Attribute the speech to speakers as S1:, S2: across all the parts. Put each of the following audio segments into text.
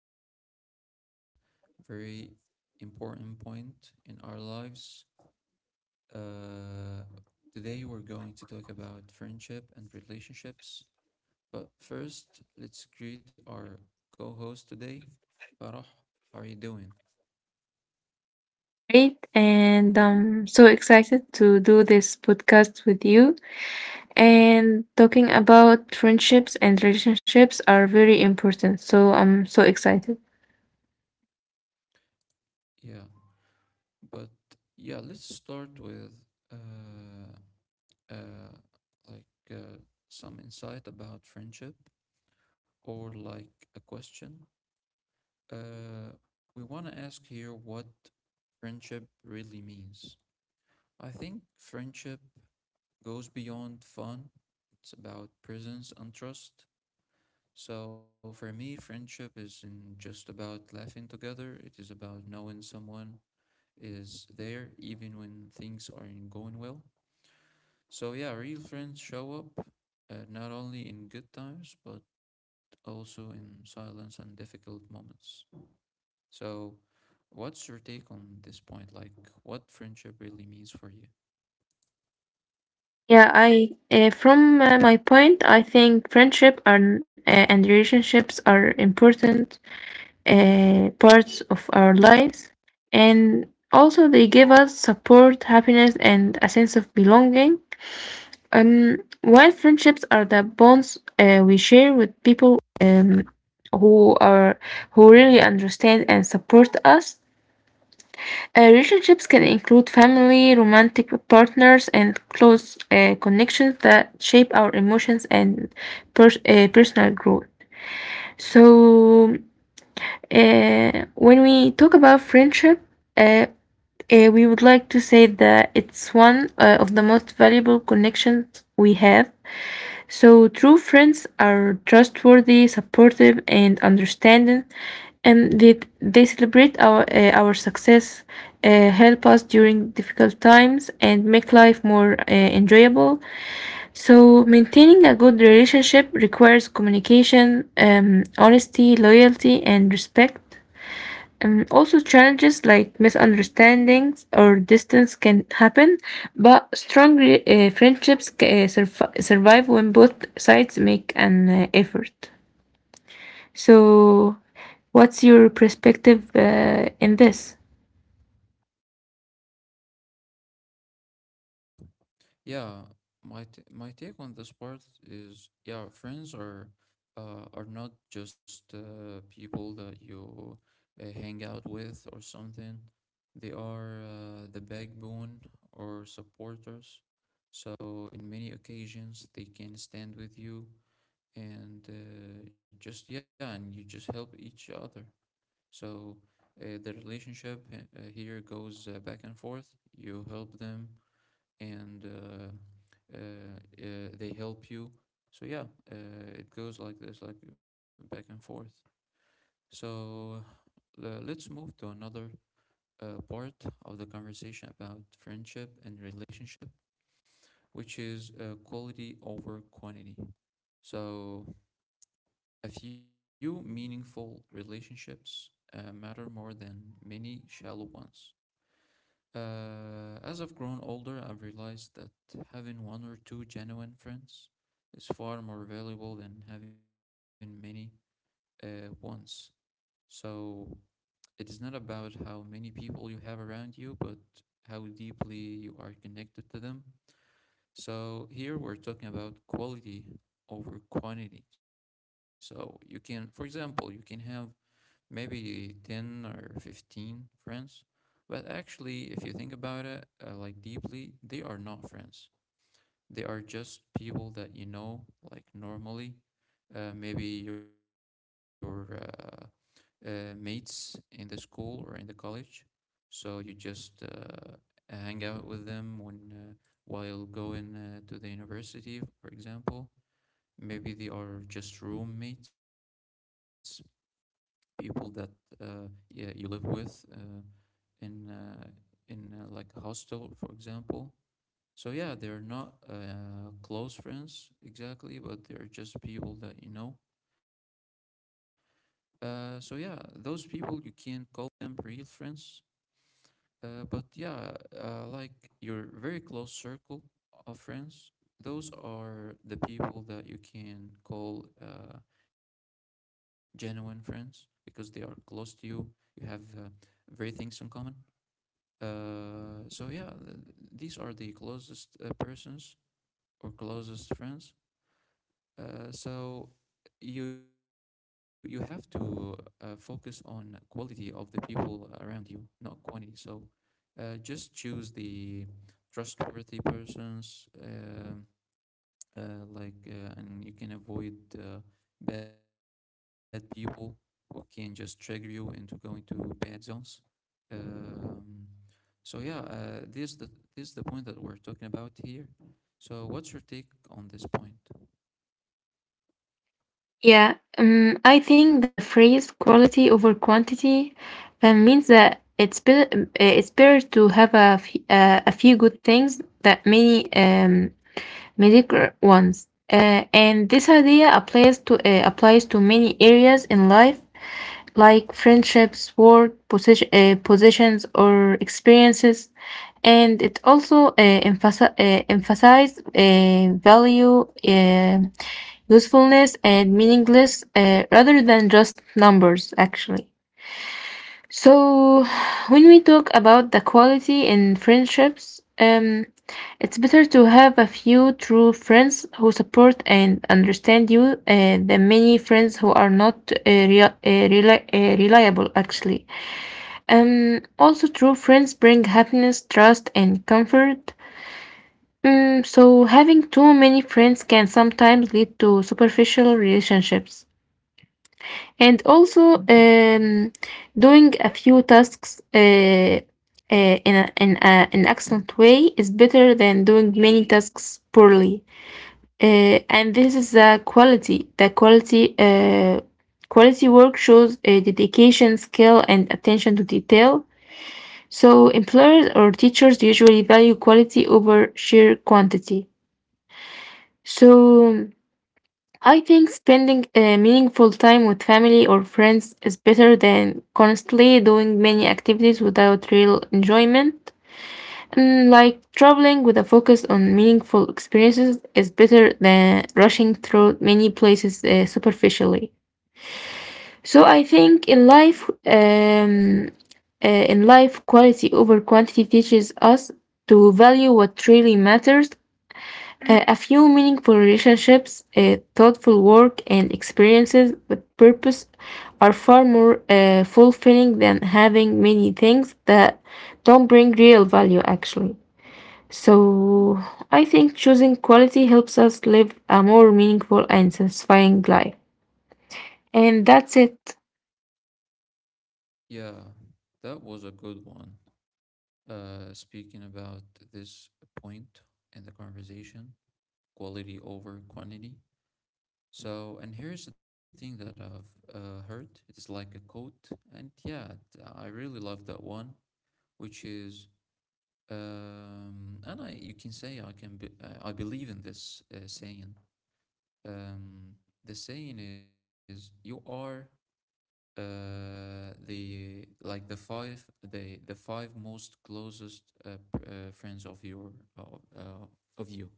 S1: going to talk about very important point in our lives. Uh, Today we're going to talk about friendship and relationships. But first, let's greet our co-host today, Farah. How are you doing?
S2: Great, and I'm so excited to do this podcast with you. And talking about friendships and relationships are very important. So I'm so excited.
S1: Yeah, but yeah, let's start with uh, uh, like uh, some insight about friendship or like a question. Uh, we want to ask here what friendship really means. I think friendship goes beyond fun, it's about presence and trust. So, for me, friendship isn't just about laughing together, it is about knowing someone is there even when things aren't going well. So, yeah, real friends show up not only in good times, but also in silence and difficult moments. So, what's your take on this point? Like, what friendship really means for you?
S2: Yeah, I from my point, I think friendship and and relationships are important parts of our lives, and also they give us support, happiness, and a sense of belonging. Um, while friendships are the bonds we share with people who are who really understand and support us, relationships can include family, romantic partners, and close connections that shape our emotions and personal growth. So, when we talk about friendship, uh, we would like to say that it's one of the most valuable connections we have. So true friends are trustworthy, supportive, and understanding, and that they celebrate our success, help us during difficult times, and make life more enjoyable. So maintaining a good relationship requires communication, honesty, loyalty, and respect. Also, challenges like misunderstandings or distance can happen, but strong friendships survive when both sides make an effort. So, what's your perspective in this?
S1: So, yeah, my take on this part is, yeah, friends are not just people that you hang out with or something. They are the backbone or supporters. So, in many occasions, they can stand with you and just yeah, and you just help each other. So the relationship here goes back and forth. You help them, and they help you. So yeah, it goes like this, like back and forth. So let's move to another part of the conversation about friendship and relationship, which is quality over quantity. So a few meaningful relationships matter more than many shallow ones. As I've grown older, I've realized that having one or two genuine friends is far more valuable than having many ones. So it is not about how many people you have around you, but how deeply you are connected to them. So here we're talking about quality over quantity. So you can, for example, you can have maybe 10 or 15 friends. But actually, if you think about it, like deeply, they are not friends. They are just people that you know, like normally. Maybe your mates in the school or in the college. So you just hang out with them when while going to the university, for example. Maybe they are just roommates, people that uh, yeah, you live with in uh, in like hostel, for example. So yeah, they're not close friends exactly, but they're just people that you know. So yeah, those people you can call them real friends, but yeah, like your very close circle of friends, those are the people that you can call genuine friends because they are close to you. You have very things in common. So yeah, these are the closest persons or closest friends. So you have to focus on quality of the people around you, not quantity. So just choose the trustworthy persons, and you can avoid bad people who can just trigger you into going to bad zones. um, so yeah, this is the point that we're talking about here. So what's your take on this point?
S2: Yeah, I think the phrase quality over quantity means that it's better to have a few good things than many mediocre ones. And this idea applies to many areas in life, like friendships, work, positions, or experiences. And it also emphasizes value. Usefulness and meaningless rather than just numbers, actually. So, when we talk about the quality in friendships, it's better to have a few true friends who support and understand you than many friends who are not reliable, actually. Also, true friends bring happiness, trust, and comfort. So having too many friends can sometimes lead to superficial relationships. And also doing a few tasks in an excellent way is better than doing many tasks poorly. And this is the quality. The quality work shows a dedication, skill, and attention to detail. So employers or teachers usually value quality over sheer quantity. So I think spending meaningful time with family or friends is better than constantly doing many activities without real enjoyment. Like traveling with a focus on meaningful experiences is better than rushing through many places superficially. So I think in life, quality over quantity teaches us to value what really matters, a few meaningful relationships, thoughtful work, and experiences with purpose are far more fulfilling than having many things that don't bring real value, actually. So, I think choosing quality helps us live a more meaningful and satisfying life. And that's it.
S1: Yeah, that was a good one. Speaking about this point in the conversation, quality over quantity. So, and here's the thing that I've heard. It is like a quote, and yeah, I really love that one, which is, and I you can say I can be, I believe in this saying. Um, the saying is, you are the like the five most closest friends of your of uh, of you.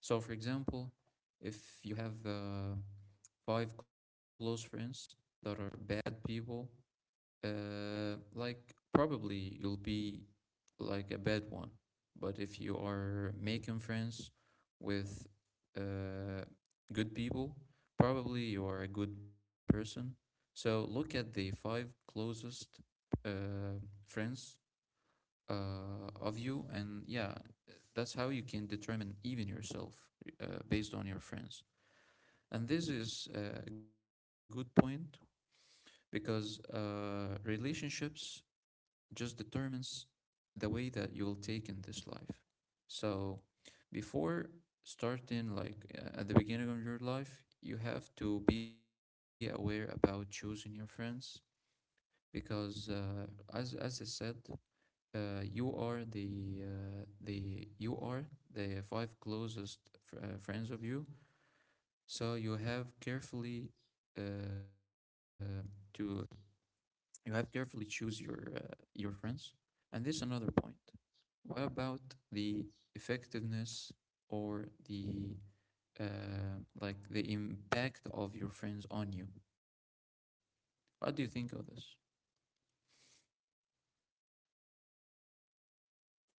S1: So, for example, if you have five close friends that are bad people, like probably you'll be like a bad one. But if you are making friends with uh, good people, probably you are a good person. So look at the five closest uh, friends of you, and yeah, that's how you can determine even yourself based on your friends. And this is a good point because relationships just determines the way that you will take in this life. So before starting, like at the beginning of your life, you have to be aware about choosing your friends because, as I said, you are the five closest friends of you. So you have carefully uh, to you have carefully choose your friends. And this is another point. What about the effectiveness or the like the impact of your friends on you? What do you think of this?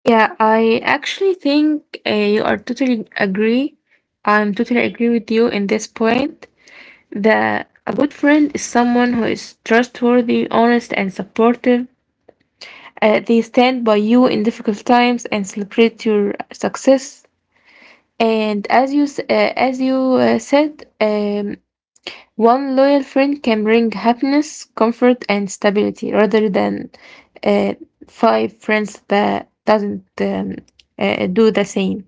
S2: Yeah, I actually think you are totally agree. I'm totally agree with you in this point. The a good friend is someone who is trustworthy, honest, and supportive. They stand by you in difficult times and celebrate your success. And as you said, one loyal friend can bring happiness, comfort, and stability, rather than uh, five friends that doesn't do the same.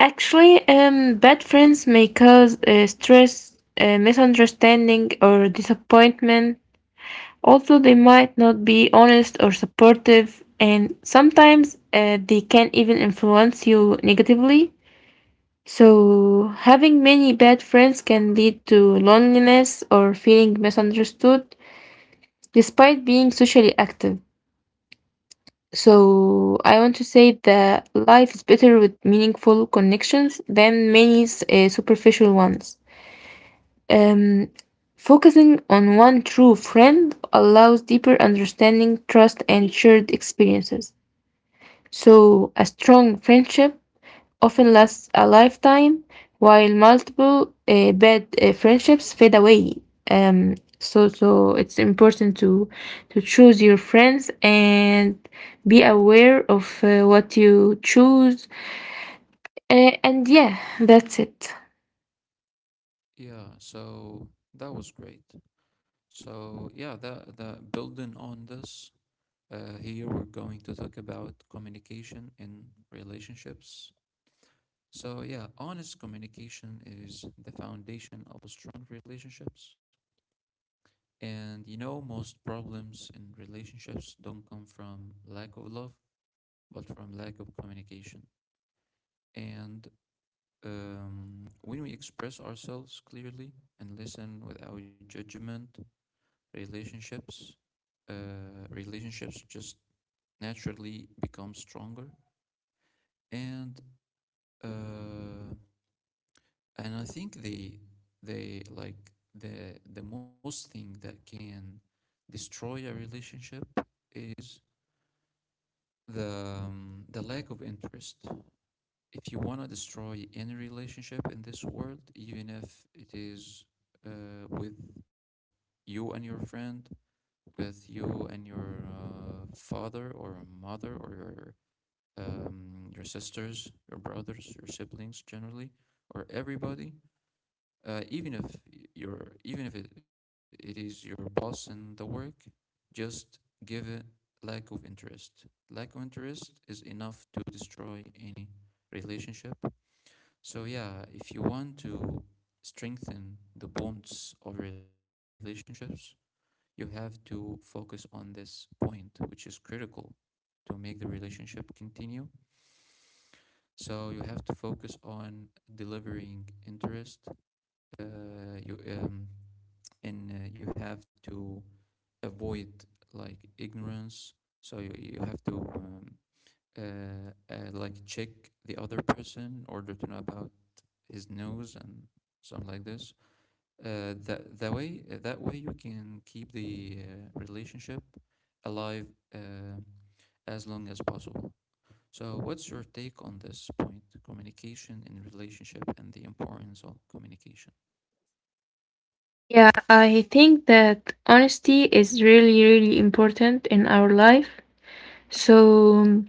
S2: Actually, bad friends may cause stress, misunderstanding, or disappointment. Also, they might not be honest or supportive, and sometimes they can even influence you negatively. So, having many bad friends can lead to loneliness or feeling misunderstood despite being socially active. So, I want to say that life is better with meaningful connections than many superficial ones. Um, Focusing on one true friend allows deeper understanding, trust, and shared experiences. So, a strong friendship often lasts a lifetime, while multiple bad friendships fade away. So it's important to choose your friends and be aware of what you choose. And yeah, that's it.
S1: Yeah, so that was great. So yeah, that that building on this, here we're going to talk about communication in relationships. So yeah, honest communication is the foundation of strong relationships. And you know, most problems in relationships don't come from lack of love, but from lack of communication. And when we express ourselves clearly and listen without judgment, relationships, relationships just naturally become stronger. And uh, and I think the like the most thing that can destroy a relationship is the lack of interest. If you want to destroy any relationship in this world, even if it is with you and your friend, with you and your father or mother or your sisters, your brothers, your siblings generally, or everybody, even if y- your even if it, it is your boss in the work, just give it lack of interest. Lack of interest is enough to destroy any relationship. So yeah, if you want to strengthen the bonds of relationships, you have to focus on this point, which is critical to make the relationship continue. So you have to focus on delivering interest. Uh, you And you have to avoid like ignorance. So you have to like check the other person in order to know about his nose and something like this. That way you can keep the relationship alive uh, as long as possible. So what's your take on this point, communication in relationship and the importance of communication?
S2: Yeah, I think that honesty is really, really important in our life. So,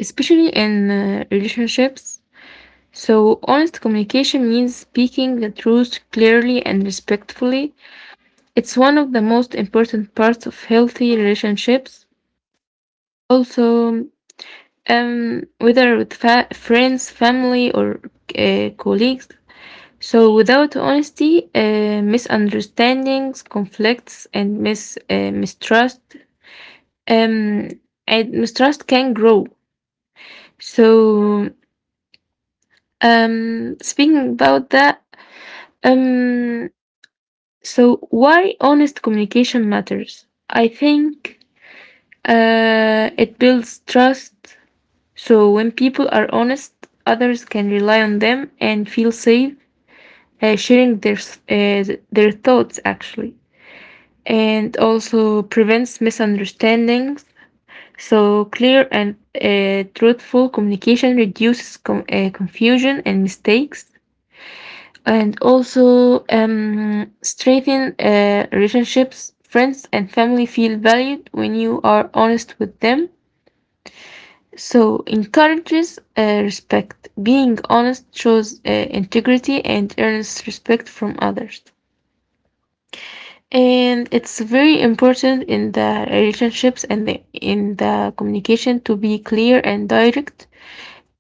S2: especially in relationships. So, honest communication means speaking the truth clearly and respectfully. It's one of the most important parts of healthy relationships. Also, whether with friends, family, or colleagues. So without honesty, misunderstandings, conflicts, and mistrust, um, and mistrust can grow. So speaking about that, um, so why honest communication matters? I think it builds trust. So when people are honest, others can rely on them and feel safe sharing their thoughts actually. And also prevents misunderstandings. So, clear and truthful communication reduces confusion and mistakes, and also strengthen relationships. Friends and family feel valued when you are honest with them. So, encourages respect. Being honest shows integrity and earns respect from others. And it's very important in the relationships and in the communication to be clear and direct.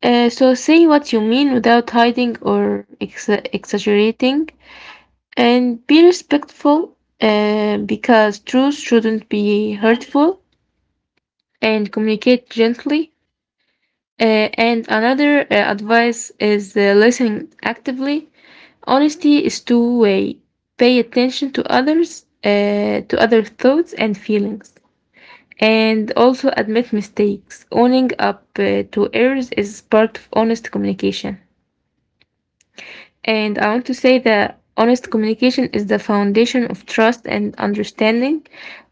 S2: So say what you mean without hiding or exaggerating, and be respectful because truth shouldn't be hurtful, and communicate gently. And another advice is listen actively. Honesty is two way. Pay attention to others, to other thoughts and feelings. And also admit mistakes. Owning up to errors is part of honest communication. And I want to say that honest communication is the foundation of trust and understanding.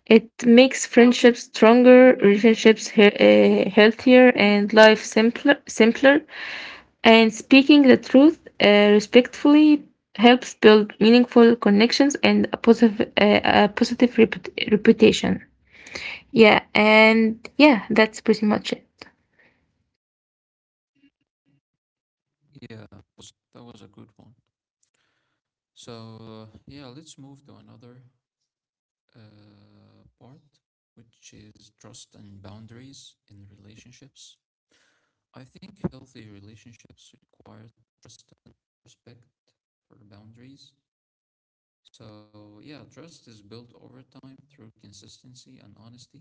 S2: It makes friendships stronger, relationships healthier, and life simpler. Simpler, and speaking the truth respectfully helps build meaningful connections and a positive reputation. Yeah, and yeah, that's pretty much it.
S1: Yeah, that was a good one. So, yeah, let's move to another uh, part, which is trust and boundaries in relationships. I think healthy relationships require trust and respect for boundaries. So, yeah, trust is built over time through consistency and honesty.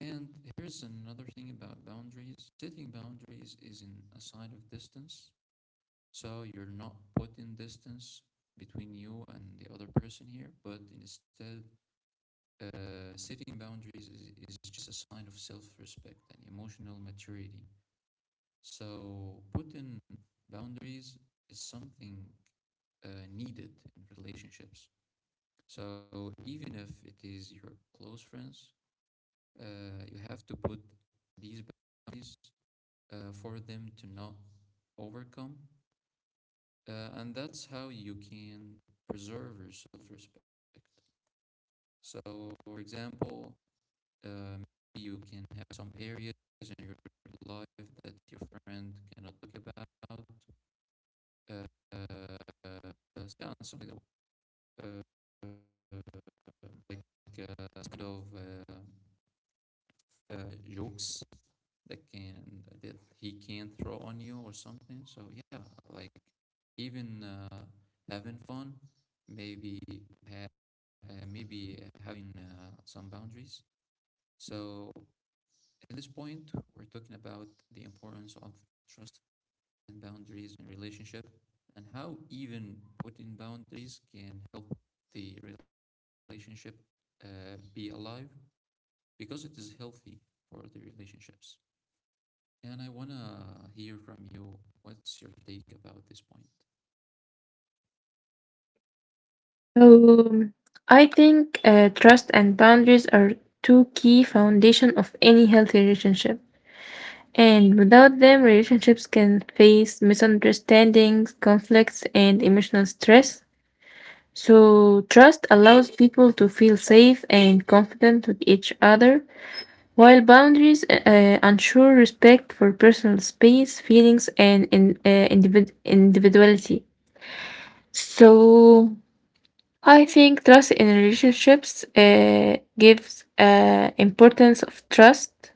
S1: And here's another thing about boundaries: setting boundaries is in a sign of distance. So, you're not putting distance between you and the other person here, but instead setting boundaries is just a sign of self respect and emotional maturity. So, putting boundaries is something needed in relationships. So, even if it is your close friends, you have to put these boundaries for them to not overcome. And that's how you can preserve your self respect. So, for example, Um, you can have some areas in your life that your friend cannot talk about. Uh, uh, kind of jokes that he can throw on you or something. So yeah, like even having fun, maybe maybe having some boundaries. So at this point, we're talking about the importance of trust and boundaries in relationship and how even putting boundaries can help the relationship be alive because it is healthy for the relationships. And I want to hear from you, what's your take about this point?
S2: So I think trust and boundaries are two key foundation of any healthy relationship. And without them, relationships can face misunderstandings, conflicts, and emotional stress. So trust allows people to feel safe and confident with each other, while boundaries ensure respect for personal space, feelings, and individuality. So I think trust in relationships gives importance of trust.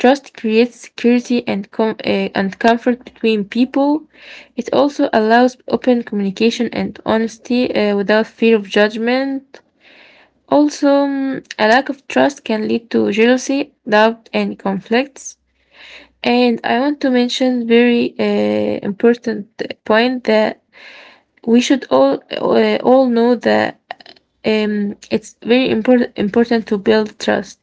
S2: Trust creates security and comfort between people. It also allows open communication and honesty without fear of judgment. Also, a lack of trust can lead to jealousy, doubt, and conflicts. And I want to mention very important point that we should all know that it's very important to build trust.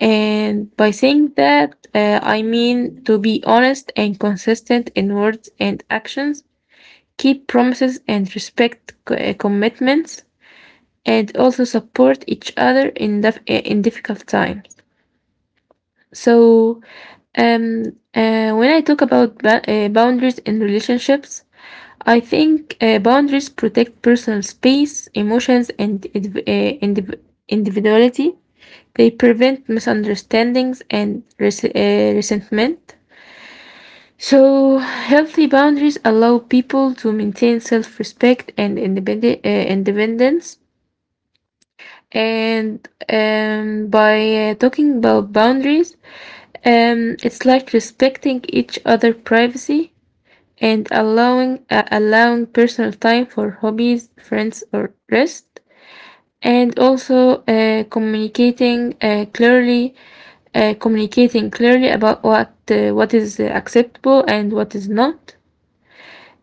S2: And by saying that, I mean to be honest and consistent in words and actions, keep promises and respect commitments, and also support each other in difficult times. So, um, when I talk about boundaries in relationships, I think boundaries protect personal space, emotions, and individuality. They prevent misunderstandings and resentment. So, healthy boundaries allow people to maintain self respect and independence. And by talking about boundaries, it's like respecting each other' privacy and allowing personal time for hobbies, friends, or rest. And also communicating clearly about what is acceptable and what is not.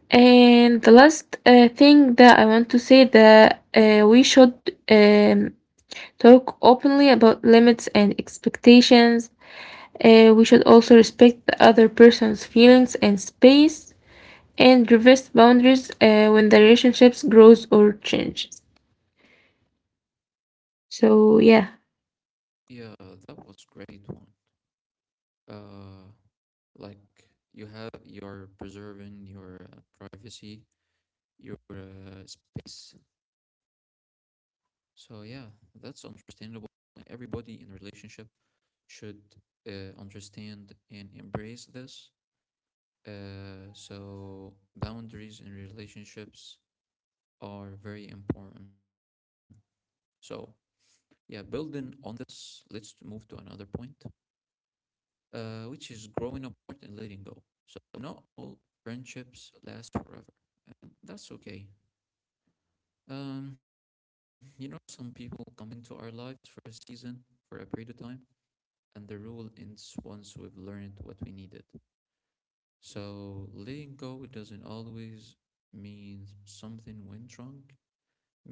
S2: And the last thing that I want to say that we should um, talk openly about limits and expectations. We should also respect the other person's feelings and space and reverse boundaries when the relationships grows or changes. So yeah.
S1: Yeah, that was great one. uh you have, you're preserving your privacy, your space. So yeah, that's understandable. Everybody in a relationship should understand and embrace this. So, boundaries in relationships are very important. So, yeah, building on this, let's move to another point, which is growing apart and letting go. So, not all friendships last forever, and that's okay. You know, some people come into our lives for a season, for a period of time, and the rule ends once we've learned what we needed. So letting go doesn't always mean something went wrong.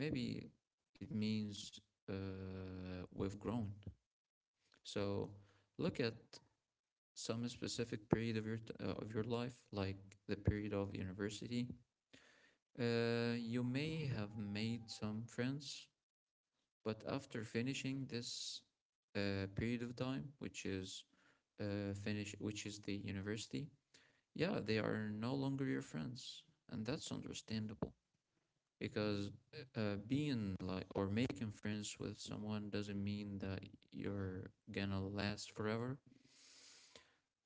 S1: Maybe it means we've grown. So look at some specific period of of your life, like the period of university. You may have made some friends, but after finishing this period of time, which is which is the university, yeah, they are no longer your friends, and that's understandable. Because being like or making friends with someone doesn't mean that you're gonna last forever,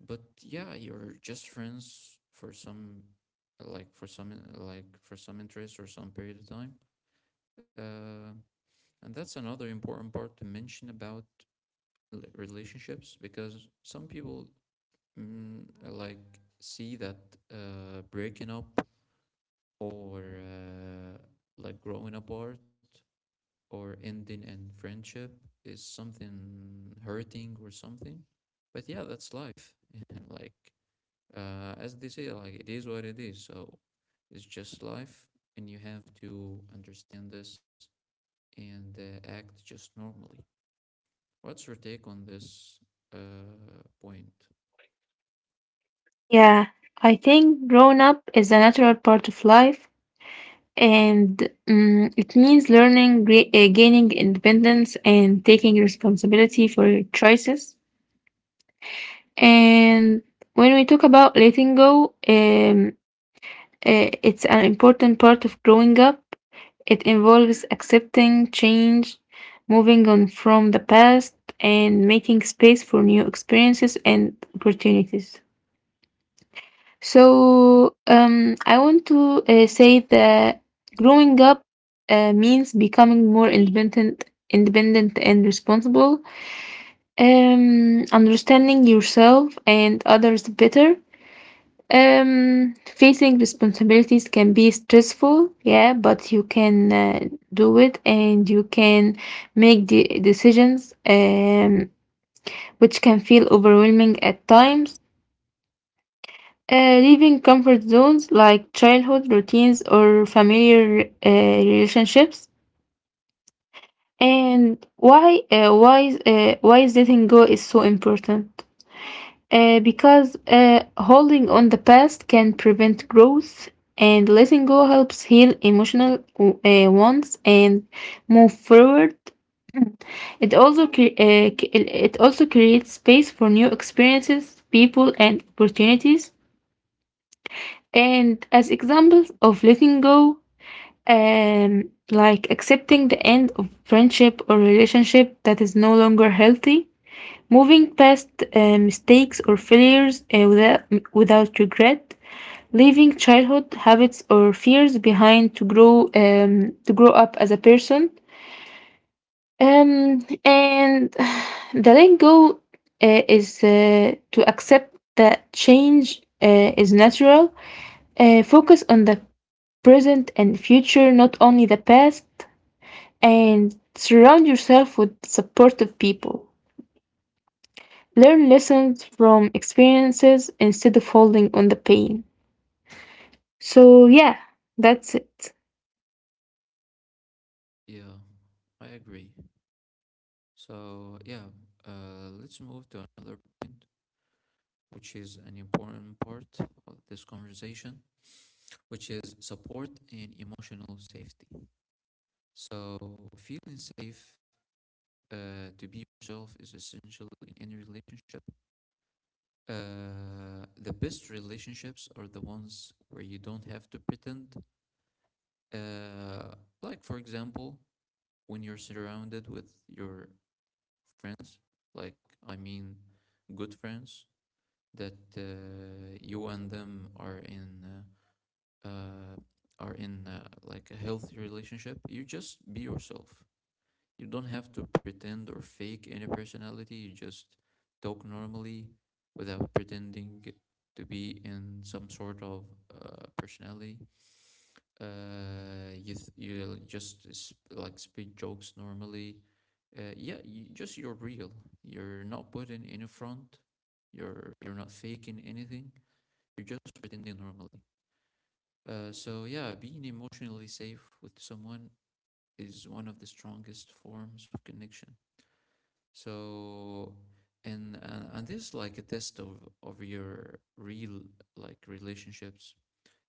S1: but yeah, you're just friends for some like for some like for some interest or some period of time. uh, and that's another important part to mention about relationships, because some people, mm, like, see that breaking up or like growing apart or ending in friendship is something hurting or something. But yeah, that's life. And like as they say, like it is what it is. So it's just life, and you have to understand this and act just normally. What's your take on this point?
S2: Yeah, I think growing up is a natural part of life, and it means learning, gaining independence, and taking responsibility for your choices. And when we talk about letting go, it's an important part of growing up. It involves accepting change, moving on from the past, and making space for new experiences and opportunities. So, I want to say that growing up means becoming more independent and responsible, understanding yourself and others better. Facing responsibilities can be stressful, yeah, but you can do it and you can make the decisions which can feel overwhelming at times. Leaving comfort zones like childhood routines or familiar relationships. And why is letting go is so important? Because holding on the past can prevent growth, and letting go helps heal emotional wounds and move forward. It also it also creates space for new experiences, people, and opportunities. And as examples of letting go, um, like accepting the end of friendship or relationship that is no longer healthy, moving past mistakes or failures without regret, leaving childhood habits or fears behind to grow up as a person. And the letting go is to accept that change is natural. Focus on the present and future, not only the past, and surround yourself with supportive people. Learn lessons from experiences instead of holding on the pain. So, yeah, that's it.
S1: Yeah, I agree. So yeah, let's move to another point, which is an important part of this conversation, which is support and emotional safety. So, feeling safe to be yourself is essential in any relationship. The best relationships are the ones where you don't have to pretend. Uh, like, for example, when you're surrounded with your friends, like, I mean, good friends that you and them are in. Uh, are in like a healthy relationship, you just be yourself. You don't have to pretend or fake any personality. You just talk normally without pretending to be in some sort of personality. You th- you just s- Like speak jokes normally. Yeah, just you're real. You're not putting any front. You're not faking anything. You're just pretending normally. So yeah, being emotionally safe with someone is one of the strongest forms of connection. So, and this is like a test of your real like relationships.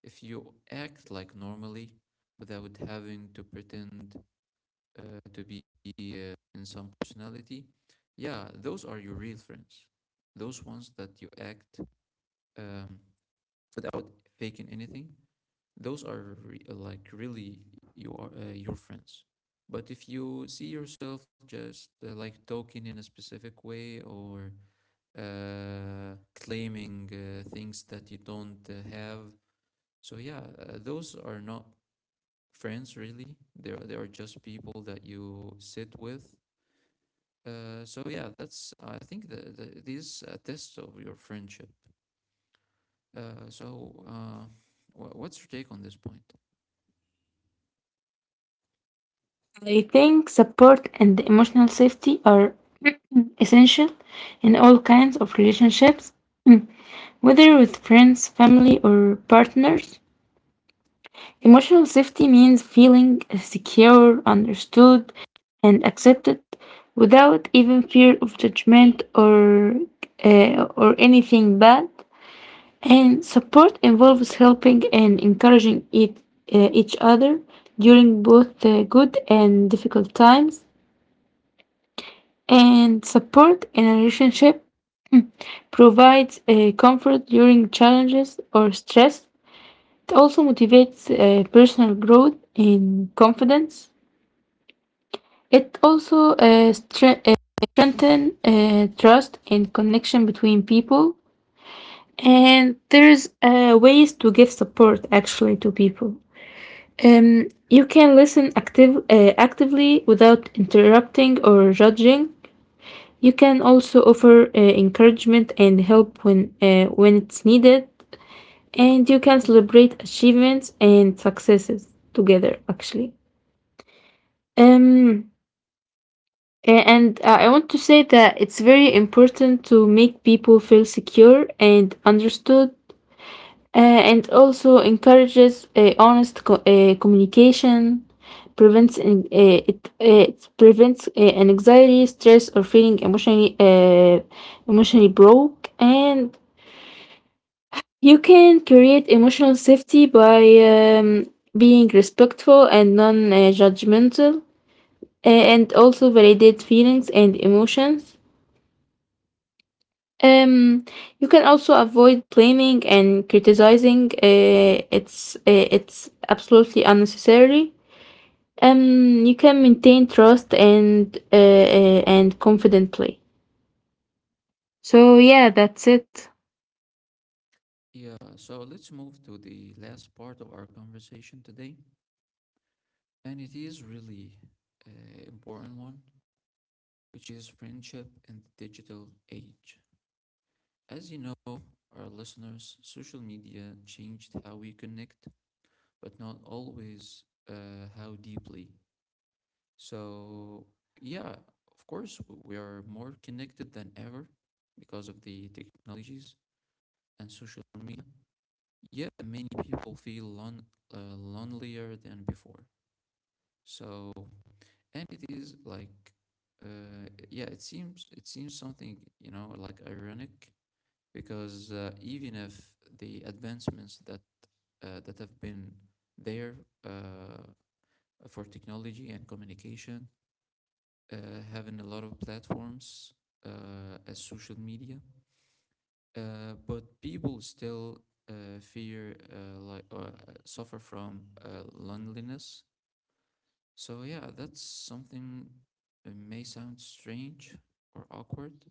S1: If you act like normally without having to pretend to be in some personality, yeah, those are your real friends. Those ones that you act um, without faking anything, those are like really your friends. But if you see yourself just like talking in a specific way or claiming things that you don't have. So yeah, those are not friends really, they are just people that you sit with. So yeah, that's I think these are tests of your friendship. So what's your take on this point?
S2: I think support and emotional safety are essential in all kinds of relationships, mm, whether with friends, family, or partners. Emotional safety means feeling secure, understood, and accepted without even fear of judgment or anything bad. And support involves helping and encouraging it, each other during both the good and difficult times. And support in a relationship provides comfort during challenges or stress. It also motivates personal growth and confidence. It also stre- uh, strengthens trust and connection between people. And there's ways to give support actually to people. You can listen actively without interrupting or judging. You can also offer encouragement and help when it's needed. And you can celebrate achievements and successes together, actually. Um, and I want to say that it's very important to make people feel secure and understood uh, and also encourages honest communication prevents it prevents an anxiety stress or feeling emotionally broke, and you can create emotional safety by being respectful and non-judgmental and also validate feelings and emotions. Um, you can also avoid blaming and criticizing. It's it's absolutely unnecessary. You can maintain trust and confidently. So yeah, that's it.
S1: Yeah, so let's move to the last part of our conversation today, and it is really important one, which is friendship in the digital age. As you know, our listeners, social media changed how we connect, but not always how deeply. So, yeah, of course, we are more connected than ever because of the technologies and social media. Yet, many people feel lonelier than before. So, and it is like, yeah, it seems something, you know, like ironic, because even if the advancements that that have been there uh, for technology and communication, uh, having a lot of platforms as social media, but people still fear like suffer from loneliness. So yeah, that's something, it may sound strange or awkward,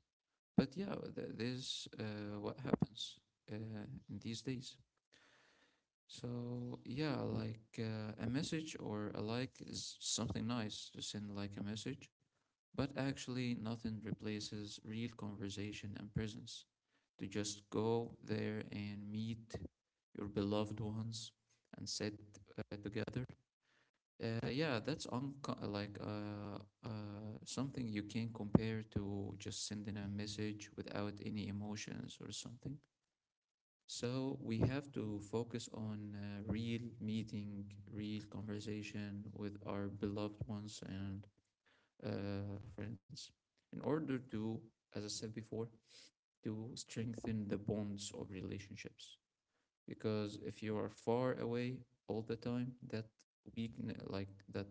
S1: but yeah, this what happens uh, in these days. So yeah, like a message or a like is something nice to send like a message, but actually nothing replaces real conversation and presence. To just go there and meet your beloved ones and sit together. Yeah, that's unco- like Something you can compare to just sending a message without any emotions or something. So we have to focus on real meeting, real conversation with our beloved ones and friends, in order to, as I said before, to strengthen the bonds of relationships. Because if you are far away all the time, that weakness, like that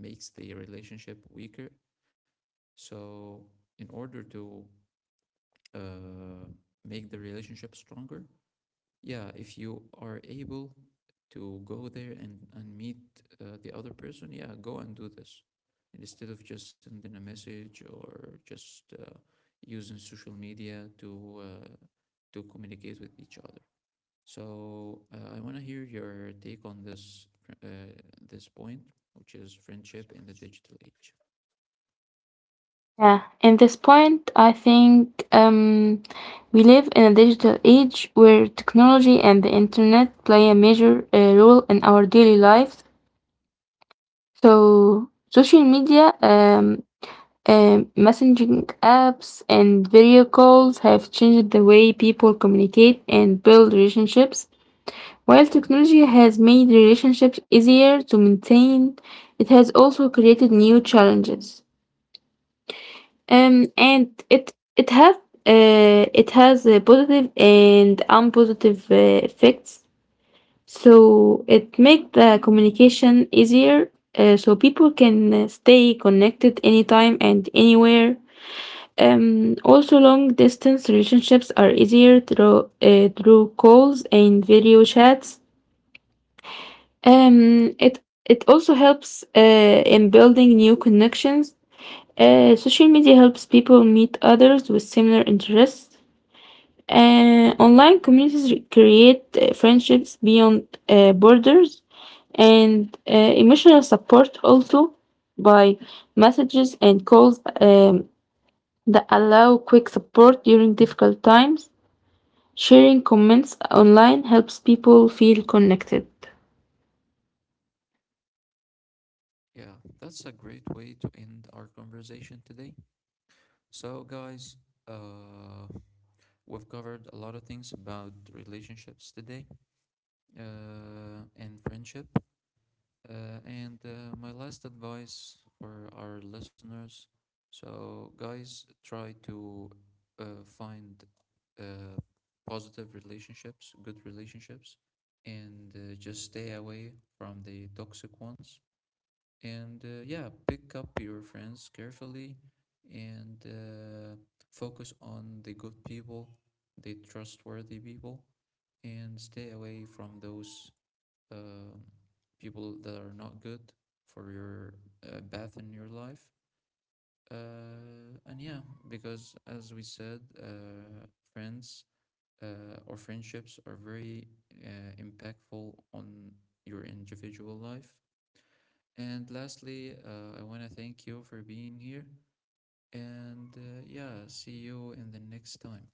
S1: makes the relationship weaker. So, in order to uh, make the relationship stronger, yeah, if you are able to go there and meet the other person, yeah, go and do this. And instead of just sending a message, or just using social media to communicate with each other. So I want to hear your take on this uh, this point, which is friendship in the digital age.
S2: Yeah, in this point, I think we live in a digital age where technology and the internet play a major role in our daily lives. So social media messaging apps and video calls have changed the way people communicate and build relationships. While technology has made relationships easier to maintain, it has also created new challenges. And it has positive and unpositive effects. So it makes the communication easier, so people can stay connected anytime and anywhere. Also, long distance relationships are easier through calls and video chats. Um, it it also helps in building new connections. Social media helps people meet others with similar interests. Online communities create friendships beyond borders, and emotional support also by messages and calls. That allow quick support during difficult times. Sharing comments online helps people feel connected.
S1: Yeah, that's a great way to end our conversation today. So, guys, uh, we've covered a lot of things about relationships today and friendship. And My last advice for our listeners: so, guys, try to find uh, positive relationships, good relationships, and just stay away from the toxic ones, and yeah, pick up your friends carefully, and focus on the good people, the trustworthy people, and stay away from those uh people that are not good for your path in your life. And yeah, because as we said, friends or friendships are very impactful on your individual life. And lastly, I want to thank you for being here. And yeah, see you in the next time.